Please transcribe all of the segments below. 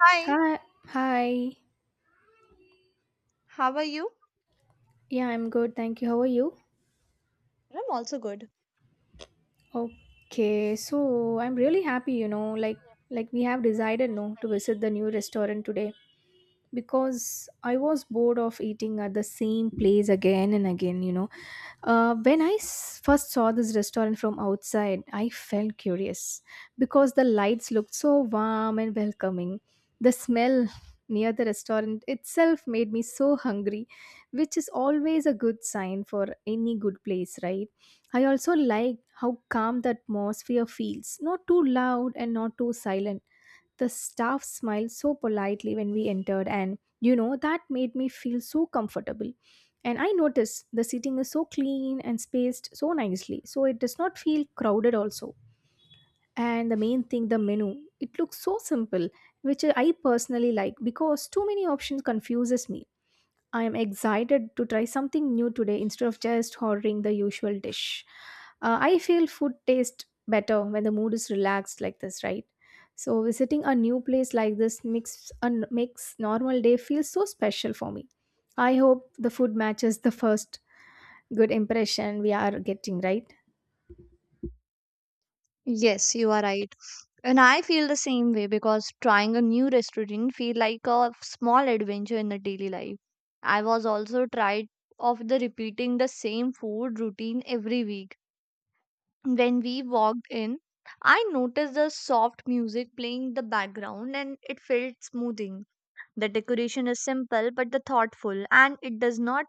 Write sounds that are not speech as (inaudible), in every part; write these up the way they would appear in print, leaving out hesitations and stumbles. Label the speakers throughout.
Speaker 1: Hi,
Speaker 2: Hi, hi.
Speaker 1: how are you?
Speaker 2: Yeah, I'm good. Thank you. How are you?
Speaker 1: Good.
Speaker 2: Okay, so I'm really happy, like we have decided no to visit the new restaurant today, because I was bored of eating at the same place again and again, When I first saw this restaurant from outside, I felt curious because the lights looked so warm and welcoming. The smell near the restaurant itself made me so hungry, which is always a good sign for any good place, right? I also liked how calm the atmosphere feels, not too loud and not too silent. The staff smiled so politely when we entered, and that made me feel so comfortable. And I noticed the seating is so clean and spaced so nicely, so it does not feel crowded, also. And the main thing, the menu, it looks so simple, which I personally like because too many options confuses me. I am excited to try something new today instead of just ordering the usual dish. I feel food tastes better when the mood is relaxed like this, right? So visiting a new place like this makes normal day feel so special for me. I hope the food matches the first good impression we are getting, right?
Speaker 1: Yes, you are right. And I feel the same way because trying a new restaurant feel like a small adventure in the daily life. I was also tried of the repeating the same food routine every week. When we walked in, I noticed the soft music playing in the background and it felt smoothing. The decoration is simple but the thoughtful and it does not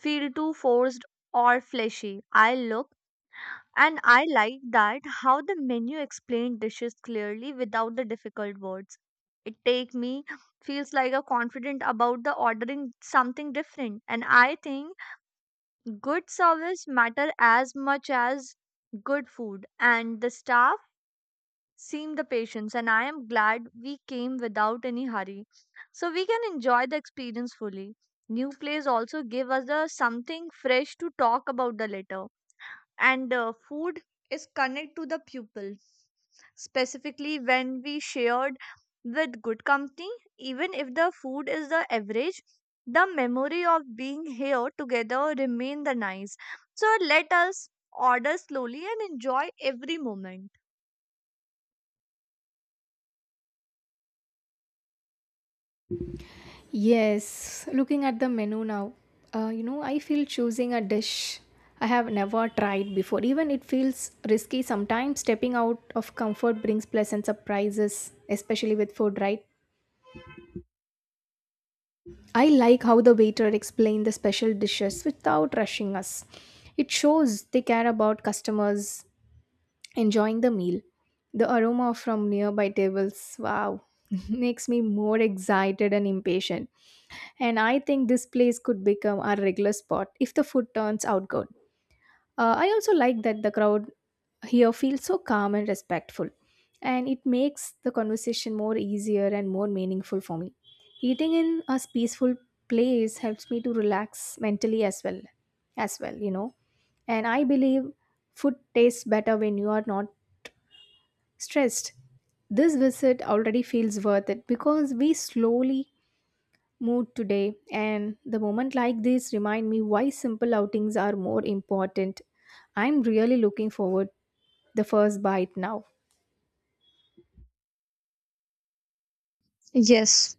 Speaker 1: feel too forced or fleshy. I look And I like that how the menu explained dishes clearly without the difficult words. It take me feels like a confident about the ordering something different. And I think good service matter as much as good food. And the staff seem the patience and I am glad we came without any hurry. So we can enjoy the experience fully. New place also give us the something fresh to talk about the later, and food is connect to the pupil specifically when we shared with good company, even if the food is the average, the memory of being here together remain the nice. So let us order slowly and enjoy every moment.
Speaker 2: Yes, looking at the menu now, I feel choosing a dish I have never tried before. Even it feels risky sometimes. Stepping out of comfort brings pleasant surprises, especially with food, right? I like how the waiter explained the special dishes without rushing us. It shows they care about customers enjoying the meal. The aroma from nearby tables, wow, (laughs) makes me more excited and impatient. And I think this place could become our regular spot if the food turns out good. I also like that the crowd here feels so calm and respectful, and it makes the conversation more easier and more meaningful for me. Eating in a peaceful place helps me to relax mentally as well, And I believe food tastes better when you are not stressed. This visit already feels worth it because we slowly mood today and the moment like this remind me why simple outings are more important. I'm really looking forward the first bite now.
Speaker 1: Yes.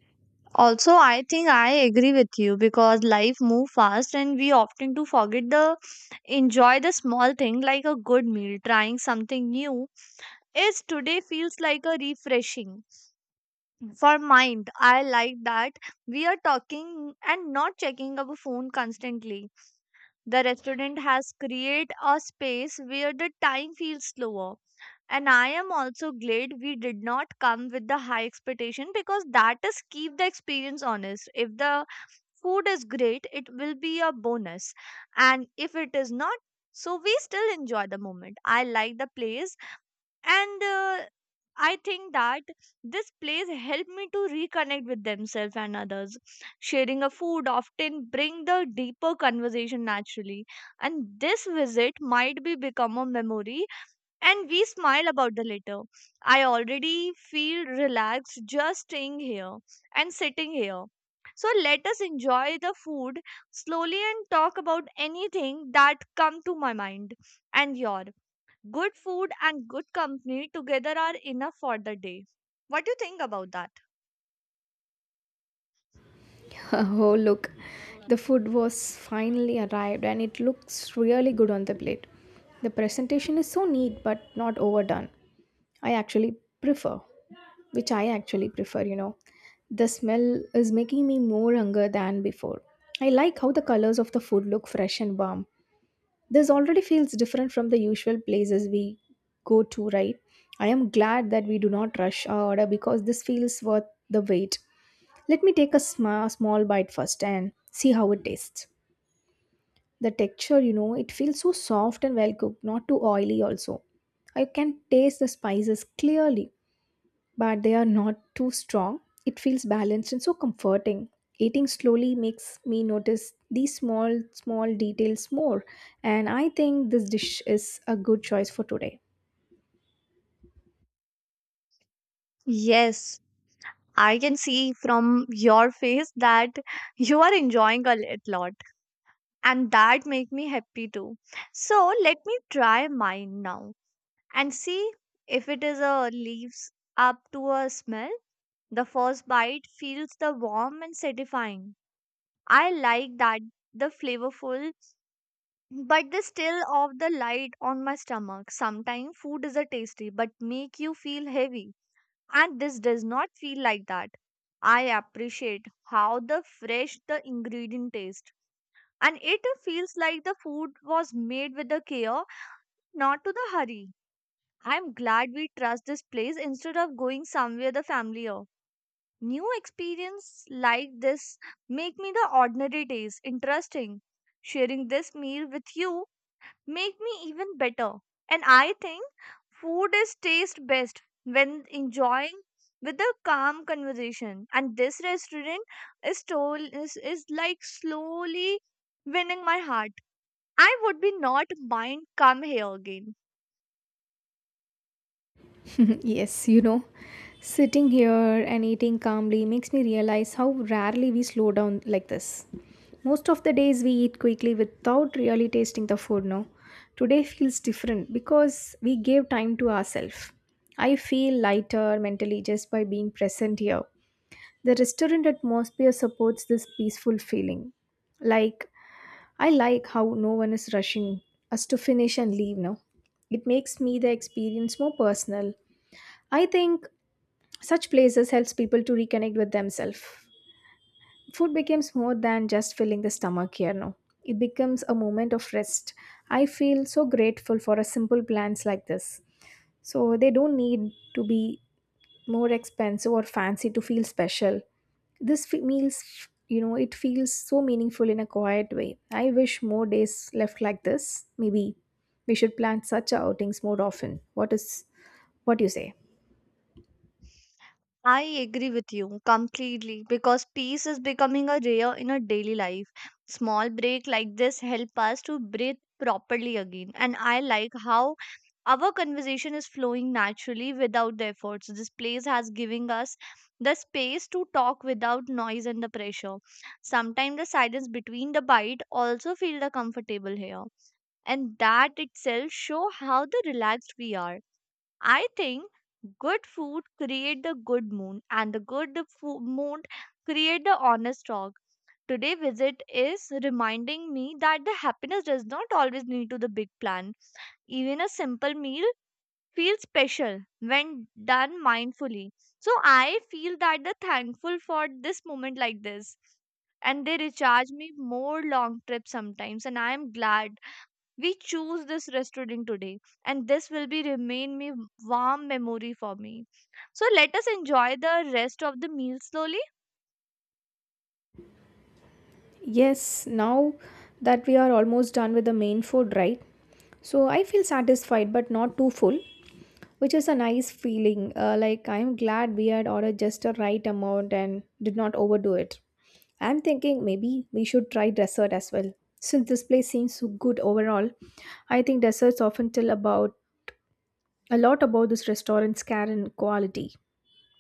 Speaker 1: Also, I think I agree with you because life move fast and we often do forget the enjoy the small thing like a good meal, trying something new is today feels like a refreshing for mind. I like that we are talking and not checking our phone constantly. The restaurant has created a space where the time feels slower. And I am also glad we did not come with the high expectation because that is keep the experience honest. If the food is great, it will be a bonus. And if it is not, so we still enjoy the moment. I like the place, and I think that this place helped me to reconnect with themselves and others. Sharing a food often bring the deeper conversation naturally, and this visit might be become a memory and we smile about the later. I already feel relaxed just staying here and sitting here. So let us enjoy the food slowly and talk about anything that come to my mind and your. Good food and good company together are enough for the day. What do you think about that?
Speaker 2: (laughs) Oh look, the food was finally arrived and it looks really good on the plate. The presentation is so neat but not overdone. i actually prefer I actually prefer, the smell is making me more hungry than before. I like how the colors of the food look fresh and warm. This already feels different from the usual places we go to, right? I am glad that we do not rush our order because this feels worth the wait. Let me take a small bite first and see how it tastes. The texture, it feels so soft and well cooked, not too oily also. I can taste the spices clearly, but they are not too strong. It feels balanced and so comforting. Eating slowly makes me notice these small, small details more, and I think this dish is a good choice for today.
Speaker 1: Yes, I can see from your face that you are enjoying a lot, and that make me happy too. So let me try mine now and see if it is a leaves up to a smell. The first bite feels the warm and satisfying. I like that the flavorful. But the still of the light on my stomach. Sometimes food is a tasty but make you feel heavy. And this does not feel like that. I appreciate how the fresh the ingredient taste. And it feels like the food was made with the care, not to the hurry. I'm glad we trust this place instead of going somewhere the familiar. New experience like this make me the ordinary days interesting. Sharing this meal with you make me even better. And I think food is taste best when enjoying with a calm conversation. And this restaurant is told is like slowly winning my heart. I would be not mind come here again.
Speaker 2: (laughs) Yes, sitting here and eating calmly makes me realize how rarely we slow down like this. Most of the days we eat quickly without really tasting the food, no? Today feels different because we gave time to ourselves. I feel lighter mentally just by being present here. The restaurant atmosphere supports this peaceful feeling. Like, I like how no one is rushing us to finish and leave now. It makes me the experience more personal. I think such places helps people to reconnect with themselves. Food becomes more than just filling the stomach here now. It becomes a moment of rest. I feel so grateful for a simple plans like this. So they don't need to be more expensive or fancy to feel special. This meals, it feels so meaningful in a quiet way. I wish more days left like this. Maybe we should plan such outings more often. What do you say?
Speaker 1: I agree with you completely because peace is becoming a rare in our daily life. Small break like this help us to breathe properly again. And I like how our conversation is flowing naturally without the efforts. This place has given us the space to talk without noise and the pressure. Sometimes the silence between the bite also feel the comfortable here. And that itself show how the relaxed we are. I think good food create the good mood and the good food mood create the honest talk. Today visit is reminding me that the happiness does not always need to the big plan. Even a simple meal feels special when done mindfully. So I feel that the thankful for this moment like this, and they recharge me more long trips sometimes, and I am glad we choose this restaurant today, and this will be remain me warm memory for me. So let us enjoy the rest of the meal slowly.
Speaker 2: Yes, now that we are almost done with the main food, right? So I feel satisfied but not too full, which is a nice feeling. Like I'm glad we had ordered just the right amount and did not overdo it. I'm thinking maybe we should try dessert as well. Since this place seems so good overall, I think desserts often tell about a lot about this restaurant's care and quality.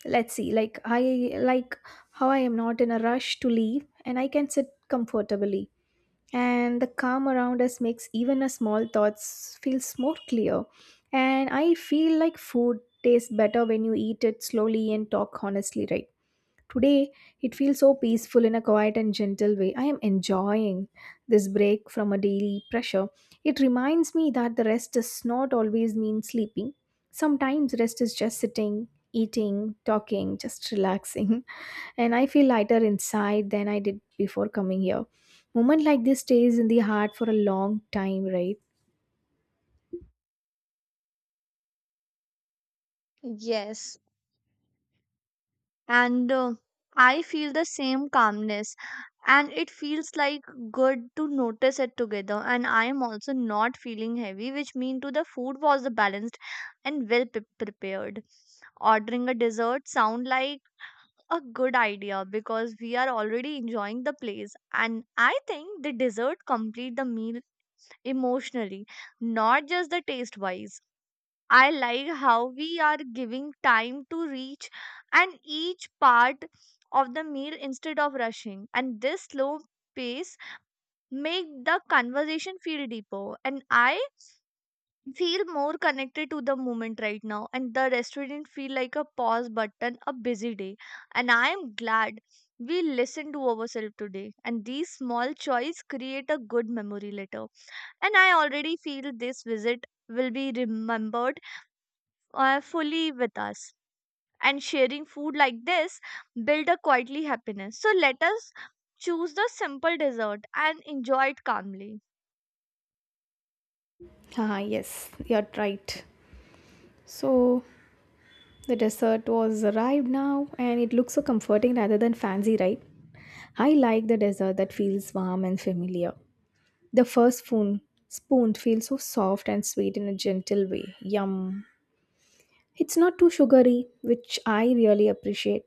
Speaker 2: Let's see. Like I like how I am not in a rush to leave and I can sit comfortably, and the calm around us makes even a small thoughts feels more clear. And I feel like food tastes better when you eat it slowly and talk honestly, right? Today, it feels so peaceful in a quiet and gentle way. I am enjoying this break from a daily pressure. It reminds me that the rest does not always mean sleeping. Sometimes rest is just sitting, eating, talking, just relaxing. (laughs) And I feel lighter inside than I did before coming here. Moment like this stays in the heart for a long time, right?
Speaker 1: Yes. And I feel the same calmness, and it feels like good to notice it together, and I am also not feeling heavy, which means to the food was the balanced and well prepared. Ordering a dessert sound like a good idea because we are already enjoying the place, and I think the dessert complete the meal emotionally, not just the taste wise. I like how we are giving time to reach and each part of the meal instead of rushing, and this slow pace make the conversation feel deeper, and I feel more connected to the moment right now, and the restaurant feel like a pause button a busy day, and I am glad we listened to ourselves today, and these small choice create a good memory later, and I already feel this visit will be remembered fully with us. And sharing food like this build a quietly happiness. So let us choose the simple dessert and enjoy it calmly.
Speaker 2: Ah, yes, you're right. So, the dessert was arrived now and it looks so comforting rather than fancy, right? I like the dessert that feels warm and familiar. The first spoon feels so soft and sweet in a gentle way. Yum. It's not too sugary, which I really appreciate.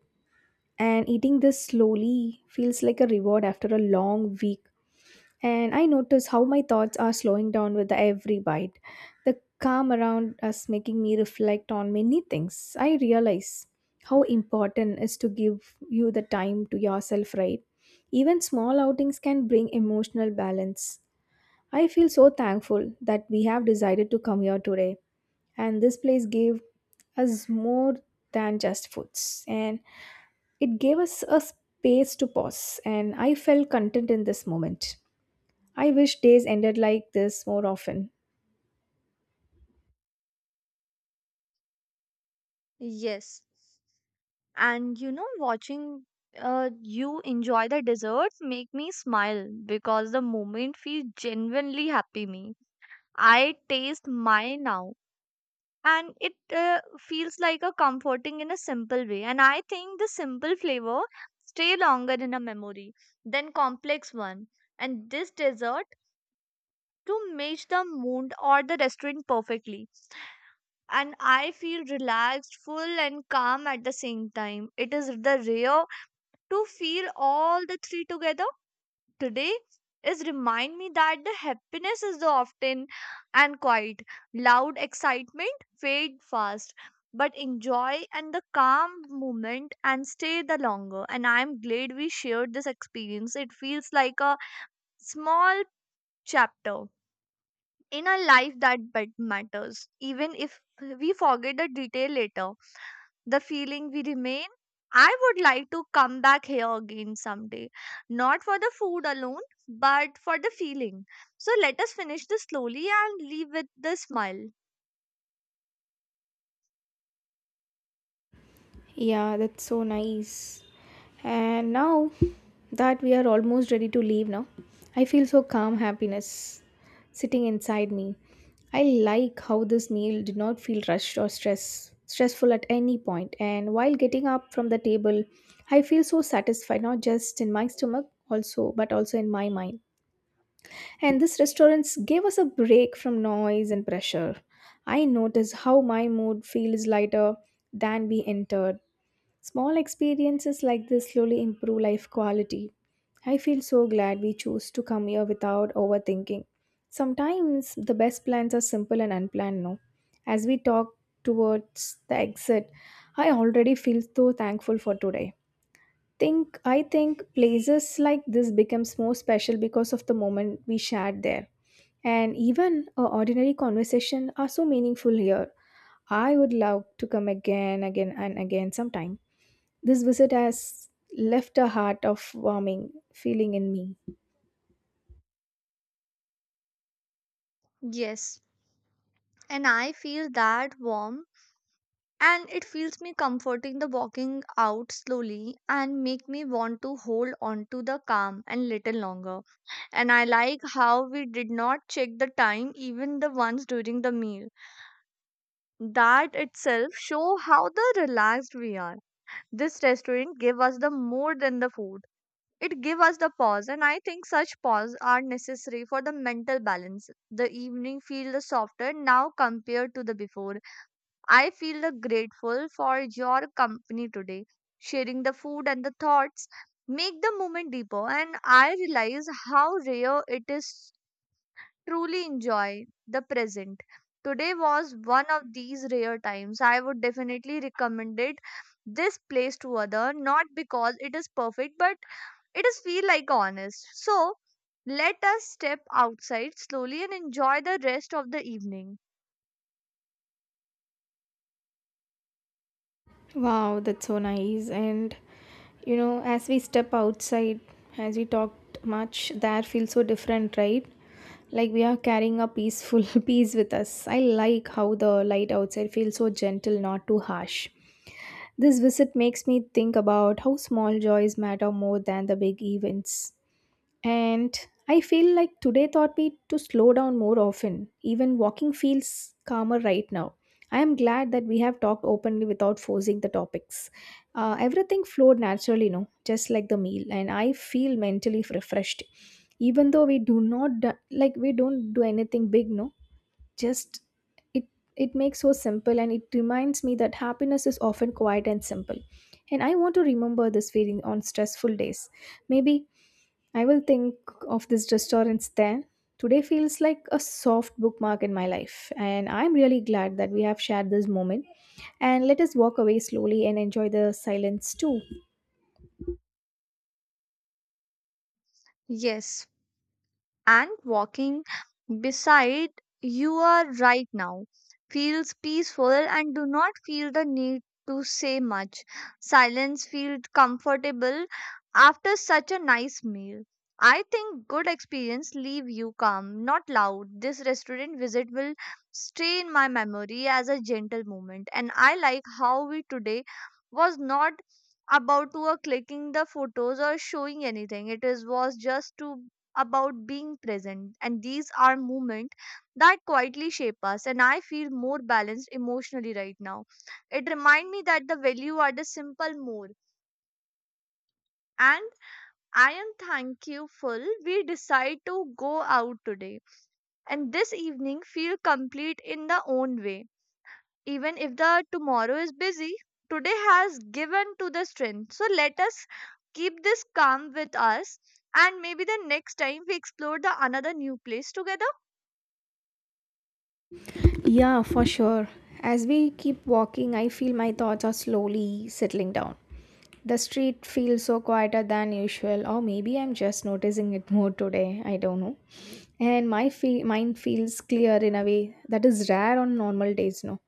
Speaker 2: And eating this slowly feels like a reward after a long week, and I notice how my thoughts are slowing down with every bite. The calm around us making me reflect on many things. I realize how important is to give you the time to yourself, right? Even small outings can bring emotional balance. I feel so thankful that we have decided to come here today, and this place gave us more than just foods, and it gave us a space to pause, and I felt content in this moment. I wish days ended like this more often.
Speaker 1: Yes. And watching you enjoy the desserts make me smile because the moment feels genuinely happy me. I taste mine now, and it feels like a comforting in a simple way, and I think the simple flavor stay longer in a memory than complex one. And this dessert to match the mood or the restaurant perfectly, and I feel relaxed full and calm at the same time. It is the rare to feel all the three together. Today is remind me that the happiness is the often and quiet. Loud excitement fade fast, but enjoy and the calm moment and stay the longer, and I am glad we shared this experience. It feels like a small chapter in a life that but matters, even if we forget the detail later, the feeling we remain. I would like to come back here again someday, not for the food alone, but for the feeling. So let us finish this slowly and leave with the smile.
Speaker 2: Yeah, that's so nice. And now that we are almost ready to leave now, I feel so calm happiness sitting inside me. I like how this meal did not feel rushed or stressful at any point. And while getting up from the table, I feel so satisfied not just in my stomach also but also in my mind. And this restaurants gave us a break from noise and pressure. I notice how my mood feels lighter than we entered. Small experiences like this slowly improve life quality. I feel so glad we chose to come here without overthinking. Sometimes the best plans are simple and unplanned, no? As we talk towards the exit, I already feel so thankful for today. Think I think places like this becomes more special because of the moment we shared there. And even a ordinary conversation are so meaningful here. I would love to come again, again and again sometime. This visit has left a heart of warming feeling in me.
Speaker 1: Yes, and I feel that warm, and it feels me comforting the walking out slowly and make me want to hold on to the calm and little longer. And I like how we did not check the time even the ones during the meal. That itself show how the relaxed we are. This restaurant gave us the more than the food. It gave us the pause, and I think such pause are necessary for the mental balance. The evening feel the softer now compared to the before. I feel the grateful for your company today. Sharing the food and the thoughts make the moment deeper, and I realize how rare it is truly enjoy the present. Today was one of these rare times. I would definitely recommend it this place to other, not because it is perfect, but it is feel like honest. So let us step outside slowly and enjoy the rest of the evening.
Speaker 2: Wow, that's so nice. And you know, as we step outside, as we talked much, the air feels so different, right? Like we are carrying a peaceful (laughs) peace with us. I like how the light outside feels so gentle, not too harsh. This visit makes me think about how small joys matter more than the big events. And I feel like today taught me to slow down more often. Even walking feels calmer right now. I am glad that we have talked openly without forcing the topics. Everything flowed naturally, no, just like the meal, and I feel mentally refreshed. Even though we do not do, like we don't do anything big, no, just it it makes so simple, and it reminds me that happiness is often quiet and simple. And I want to remember this feeling on stressful days. Maybe I will think of this restaurants then. Today feels like a soft bookmark in my life, and I'm really glad that we have shared this moment. And let us walk away slowly and enjoy the silence too.
Speaker 1: Yes, and walking beside you are right now feels peaceful and do not feel the need to say much. Silence feels comfortable after such a nice meal. I think good experience leave you calm, not loud. This restaurant visit will stay in my memory as a gentle moment. And I like how we today was not about to clicking the photos or showing anything. It is was just to about being present. And these are moments that quietly shape us. And I feel more balanced emotionally right now. It reminds me that the value are the simple more. And I am thankful we decide to go out today. And this evening feel complete in the own way. Even if the tomorrow is busy, today has given to the strength. So let us keep this calm with us, and maybe the next time we explore the another new place together.
Speaker 2: Yeah, for sure. As we keep walking, I feel my thoughts are slowly settling down. The street feels so quieter than usual, or maybe I'm just noticing it more today. I don't know. And my mind feels clear in a way that is rare on normal days. No,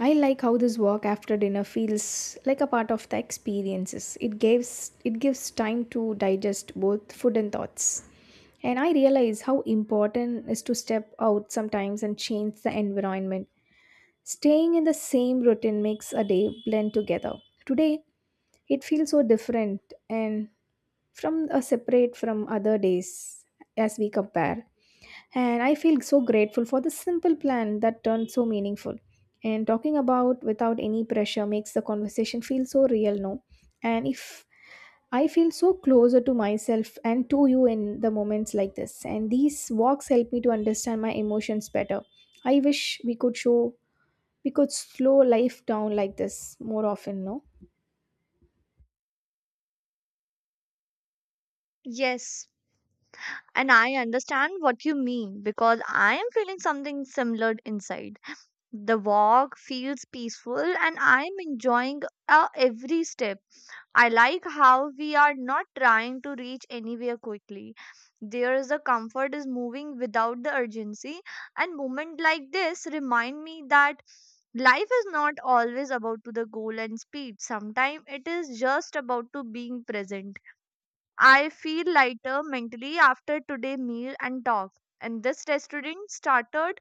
Speaker 2: I like how this walk after dinner feels like a part of the experiences. It gives time to digest both food and thoughts. And I realize how important is to step out sometimes and change the environment. Staying in the same routine makes a day blend together. Today, it feels so different and from a separate from other days as we compare. And I feel so grateful for the simple plan that turned so meaningful. And talking about without any pressure makes the conversation feel so real, no? And if I feel so closer to myself and to you in the moments like this. And these walks help me to understand my emotions better. I wish we could slow life down like this more often, no?
Speaker 1: Yes, and I understand what you mean because I am feeling something similar inside. The walk feels peaceful and I am enjoying every step. I like how we are not trying to reach anywhere quickly. There is a comfort is moving without the urgency, and moments like this remind me that life is not always about to the goal and speed. Sometimes it is just about to being present. I feel lighter mentally after today meal and talk. And this restaurant started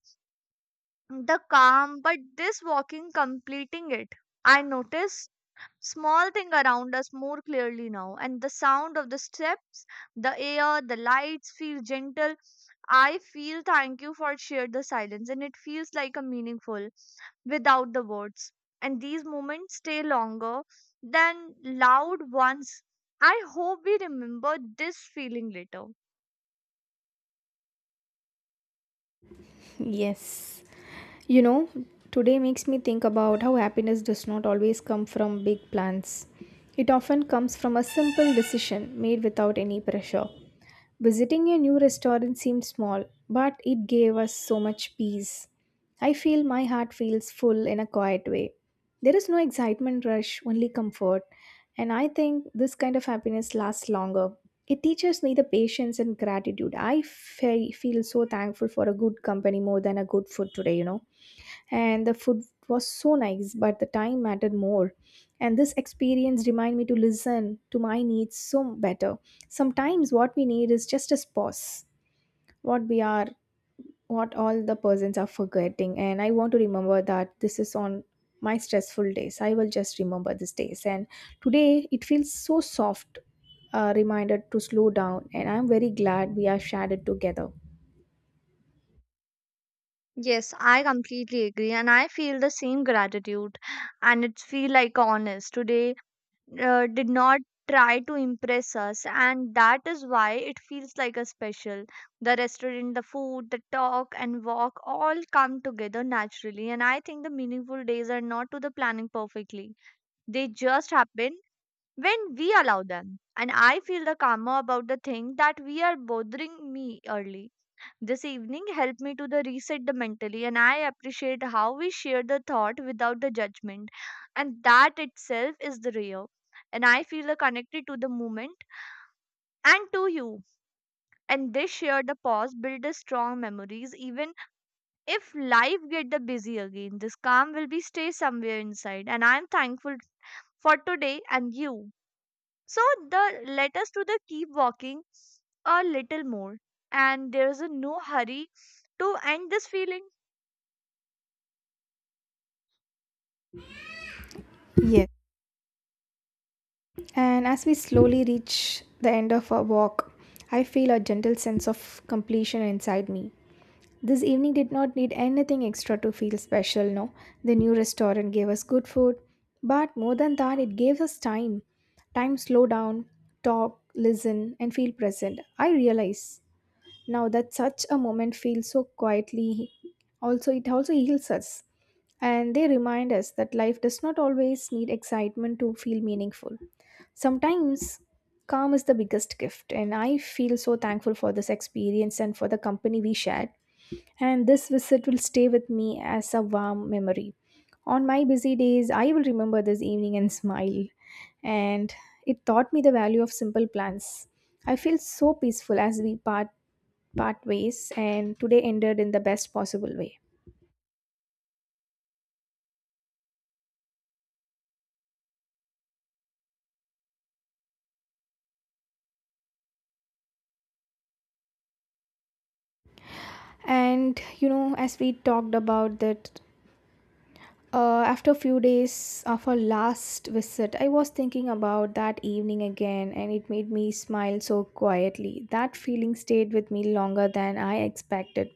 Speaker 1: the calm, but this walking completing it. I notice small thing around us more clearly now, and the sound of the steps, the air, the lights feel gentle. I feel thank you for shared the silence, and it feels like a meaningful without the words. And these moments stay longer than loud ones. I hope we remember this feeling later.
Speaker 2: Yes, You know, today makes me think about how happiness does not always come from big plans. It often comes from a simple decision made without any pressure. Visiting a new restaurant seemed small, but it gave us so much peace. I feel my heart feels full in a quiet way. There is no excitement rush, only comfort. And I think this kind of happiness lasts longer. It teaches me the patience and gratitude. Feel so thankful for a good company more than a good food today. And the food was so nice, but the time mattered more. And this experience reminded me to listen to my needs so better. Sometimes what we need is just a pause. what we are what all the persons are forgetting, and I want to remember that this is. On my stressful days, I will just remember these days. And today it feels so soft. A reminder to slow down, and I'm very glad we are shared it together.
Speaker 1: Yes, I completely agree, and I feel the same gratitude, and it feel like honest today did not try to impress us, and that is why it feels like a special. The restaurant, the food, the talk and walk all come together naturally, and I think the meaningful days are not to the planning perfectly. They just happen when we allow them, and I feel the karma about the thing that we are bothering me early this evening helped me to the reset the mentally. And I appreciate how we share the thought without the judgment, and that itself is the real. And I feel connected to the moment and to you. And this share the pause build the strong memories, even if life get the busy again. This calm will be stay somewhere inside, and I am thankful for today and you. So the let us to the keep walking a little more, and there is a no hurry to end this feeling.
Speaker 2: Yes. And as we slowly reach the end of our walk, I feel a gentle sense of completion inside me. This evening did not need anything extra to feel special, no. The new restaurant gave us good food, but more than that, it gave us time. Time to slow down, talk, listen, and feel present. I realize now that such a moment feels so quietly. Also It also heals us, and they remind us that life does not always need excitement to feel meaningful. Sometimes calm is the biggest gift, and I feel so thankful for this experience and for the company we shared. And this visit will stay with me as a warm memory. On my busy days, I will remember this evening and smile. And it taught me the value of simple plans. I feel so peaceful as we part ways, and today ended in the best possible way. And as we talked about that, after a few days of our last visit, I was thinking about that evening again, and it made me smile so quietly. That feeling stayed with me longer than I expected.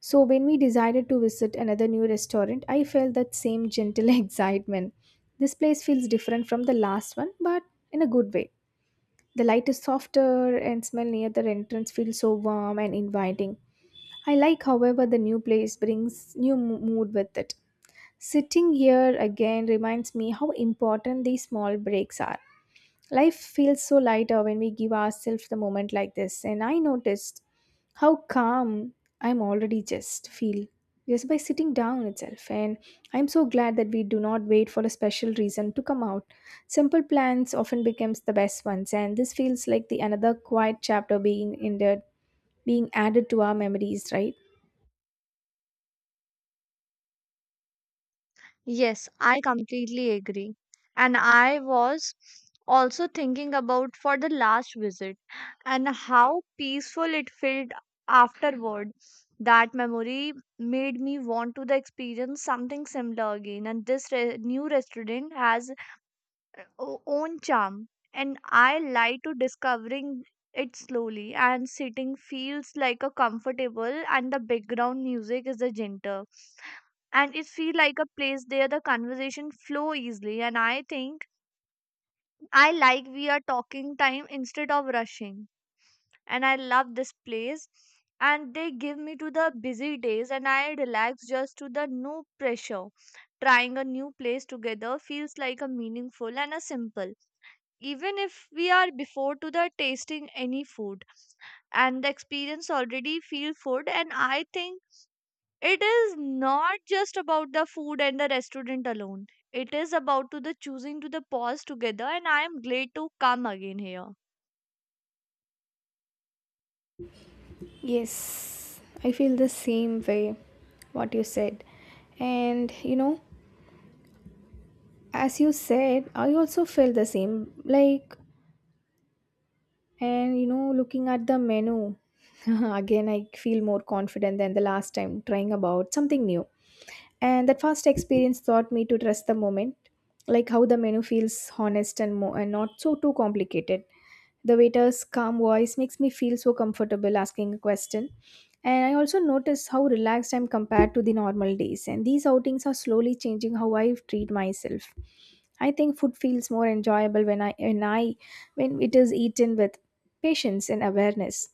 Speaker 2: So when we decided to visit another new restaurant, I felt that same gentle (laughs) excitement. This place feels different from the last one, but in a good way. The light is softer and smell near the entrance feels so warm and inviting. I like, however, the new place brings new mood with it. Sitting here again reminds me how important these small breaks are. Life feels so lighter when we give ourselves the moment like this, and I noticed how calm I'm already just feel just by sitting down itself. And I'm so glad that we do not wait for a special reason to come out. Simple plans often becomes the best ones, and this feels like the another quiet chapter being ended, being added to our memories, right?
Speaker 1: Yes, I completely agree. And I was also thinking about for the last visit and how peaceful it felt afterward. That memory made me want to the experience something similar again. And this new restaurant has own charm, and I lie to discovering it slowly. And sitting feels like a comfortable, and the background music is a gentle, and it feel like a place there the conversation flow easily. And I think I like we are talking time instead of rushing, and I love this place. And they give me to the busy days, and I relax just to the no pressure. Trying a new place together feels like a meaningful and a simple, even if we are before to the tasting any food, and the experience already feel food. And I think it is not just about the food and the restaurant alone, it is about to the choosing to the pause together, and I am glad to come again here.
Speaker 2: Yes, I feel the same way what you said. And as you said, I also felt the same. Like, and looking at the menu (laughs) again, I feel more confident than the last time trying about something new. And that first experience taught me to trust the moment, like how the menu feels honest and more and not so too complicated. The waiter's calm voice makes me feel so comfortable asking a question. And I also notice how relaxed I'm compared to the normal days. And these outings are slowly changing how I treat myself. I think food feels more enjoyable when it is eaten with patience and awareness.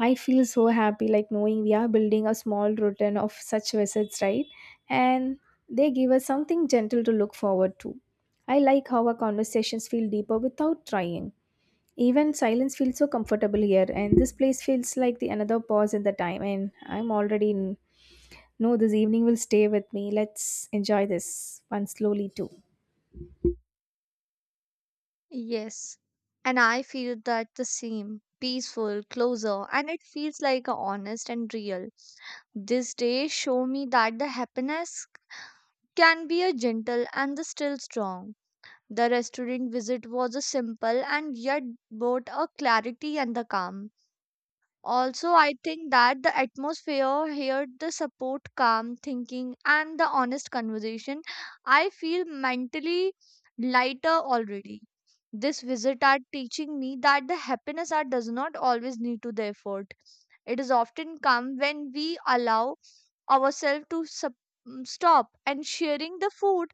Speaker 2: I feel so happy like knowing we are building a small routine of such visits, right? And they give us something gentle to look forward to. I like how our conversations feel deeper without trying. Even silence feels so comfortable here, and this place feels like the another pause in the time. And I'm already in. No, this evening will stay with me. Let's enjoy this one slowly too.
Speaker 1: Yes, and I feel that the same peaceful, closer, and it feels like a honest and real. This day show me that the happiness can be a gentle and the still strong. The restaurant visit was a simple and yet brought a clarity and the calm. Also, I think that the atmosphere here, the support, calm thinking, and the honest conversation, I feel mentally lighter already. This visit are teaching me that the happiness are does not always need to the effort. It is often come when we allow ourselves to stop and sharing the food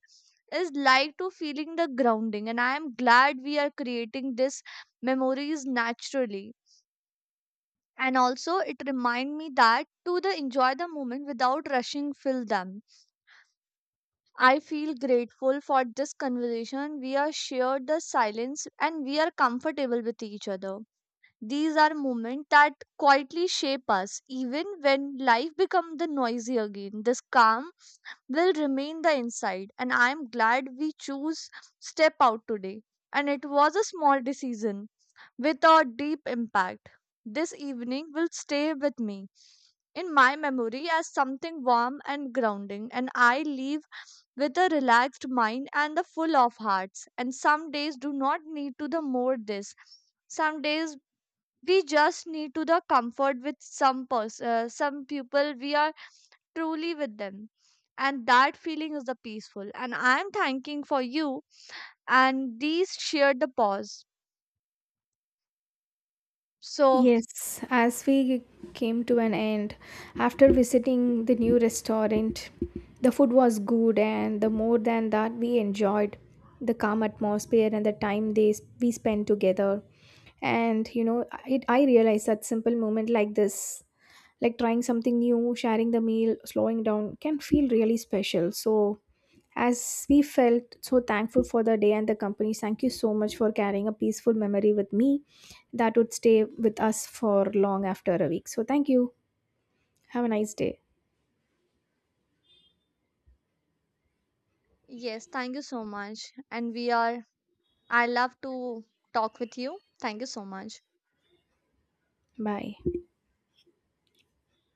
Speaker 1: is like to feeling the grounding, and I am glad we are creating this memories naturally. And also it remind me that to the enjoy the moment without rushing fill them. I feel grateful for this conversation, we are shared the silence and we are comfortable with each other. These are moments that quietly shape us, even when life becomes the noisy again. This calm will remain the inside, and I am glad we choose step out today. And it was a small decision with a deep impact. This evening will stay with me in my memory as something warm and grounding, and I leave with a relaxed mind and the full of hearts. And some days do not need to the more this, some days we just need to the comfort with some person, some people we are truly with them, and that feeling is the peaceful, and I am thanking for you and these shared the pause. So
Speaker 2: Yes, as we came to an end, after visiting the new restaurant, the food was good, and the more than that, we enjoyed the calm atmosphere and the time they we spent together. And I realized that simple moment like this, like trying something new, sharing the meal, slowing down, can feel really special. So, as we felt so thankful for the day and the company, thank you so much for carrying a peaceful memory with me that would stay with us for long after a week. So, thank you. Have a nice day.
Speaker 1: yes, thank you so much, and we are, I love to talk with you. Thank you so much.
Speaker 2: Bye.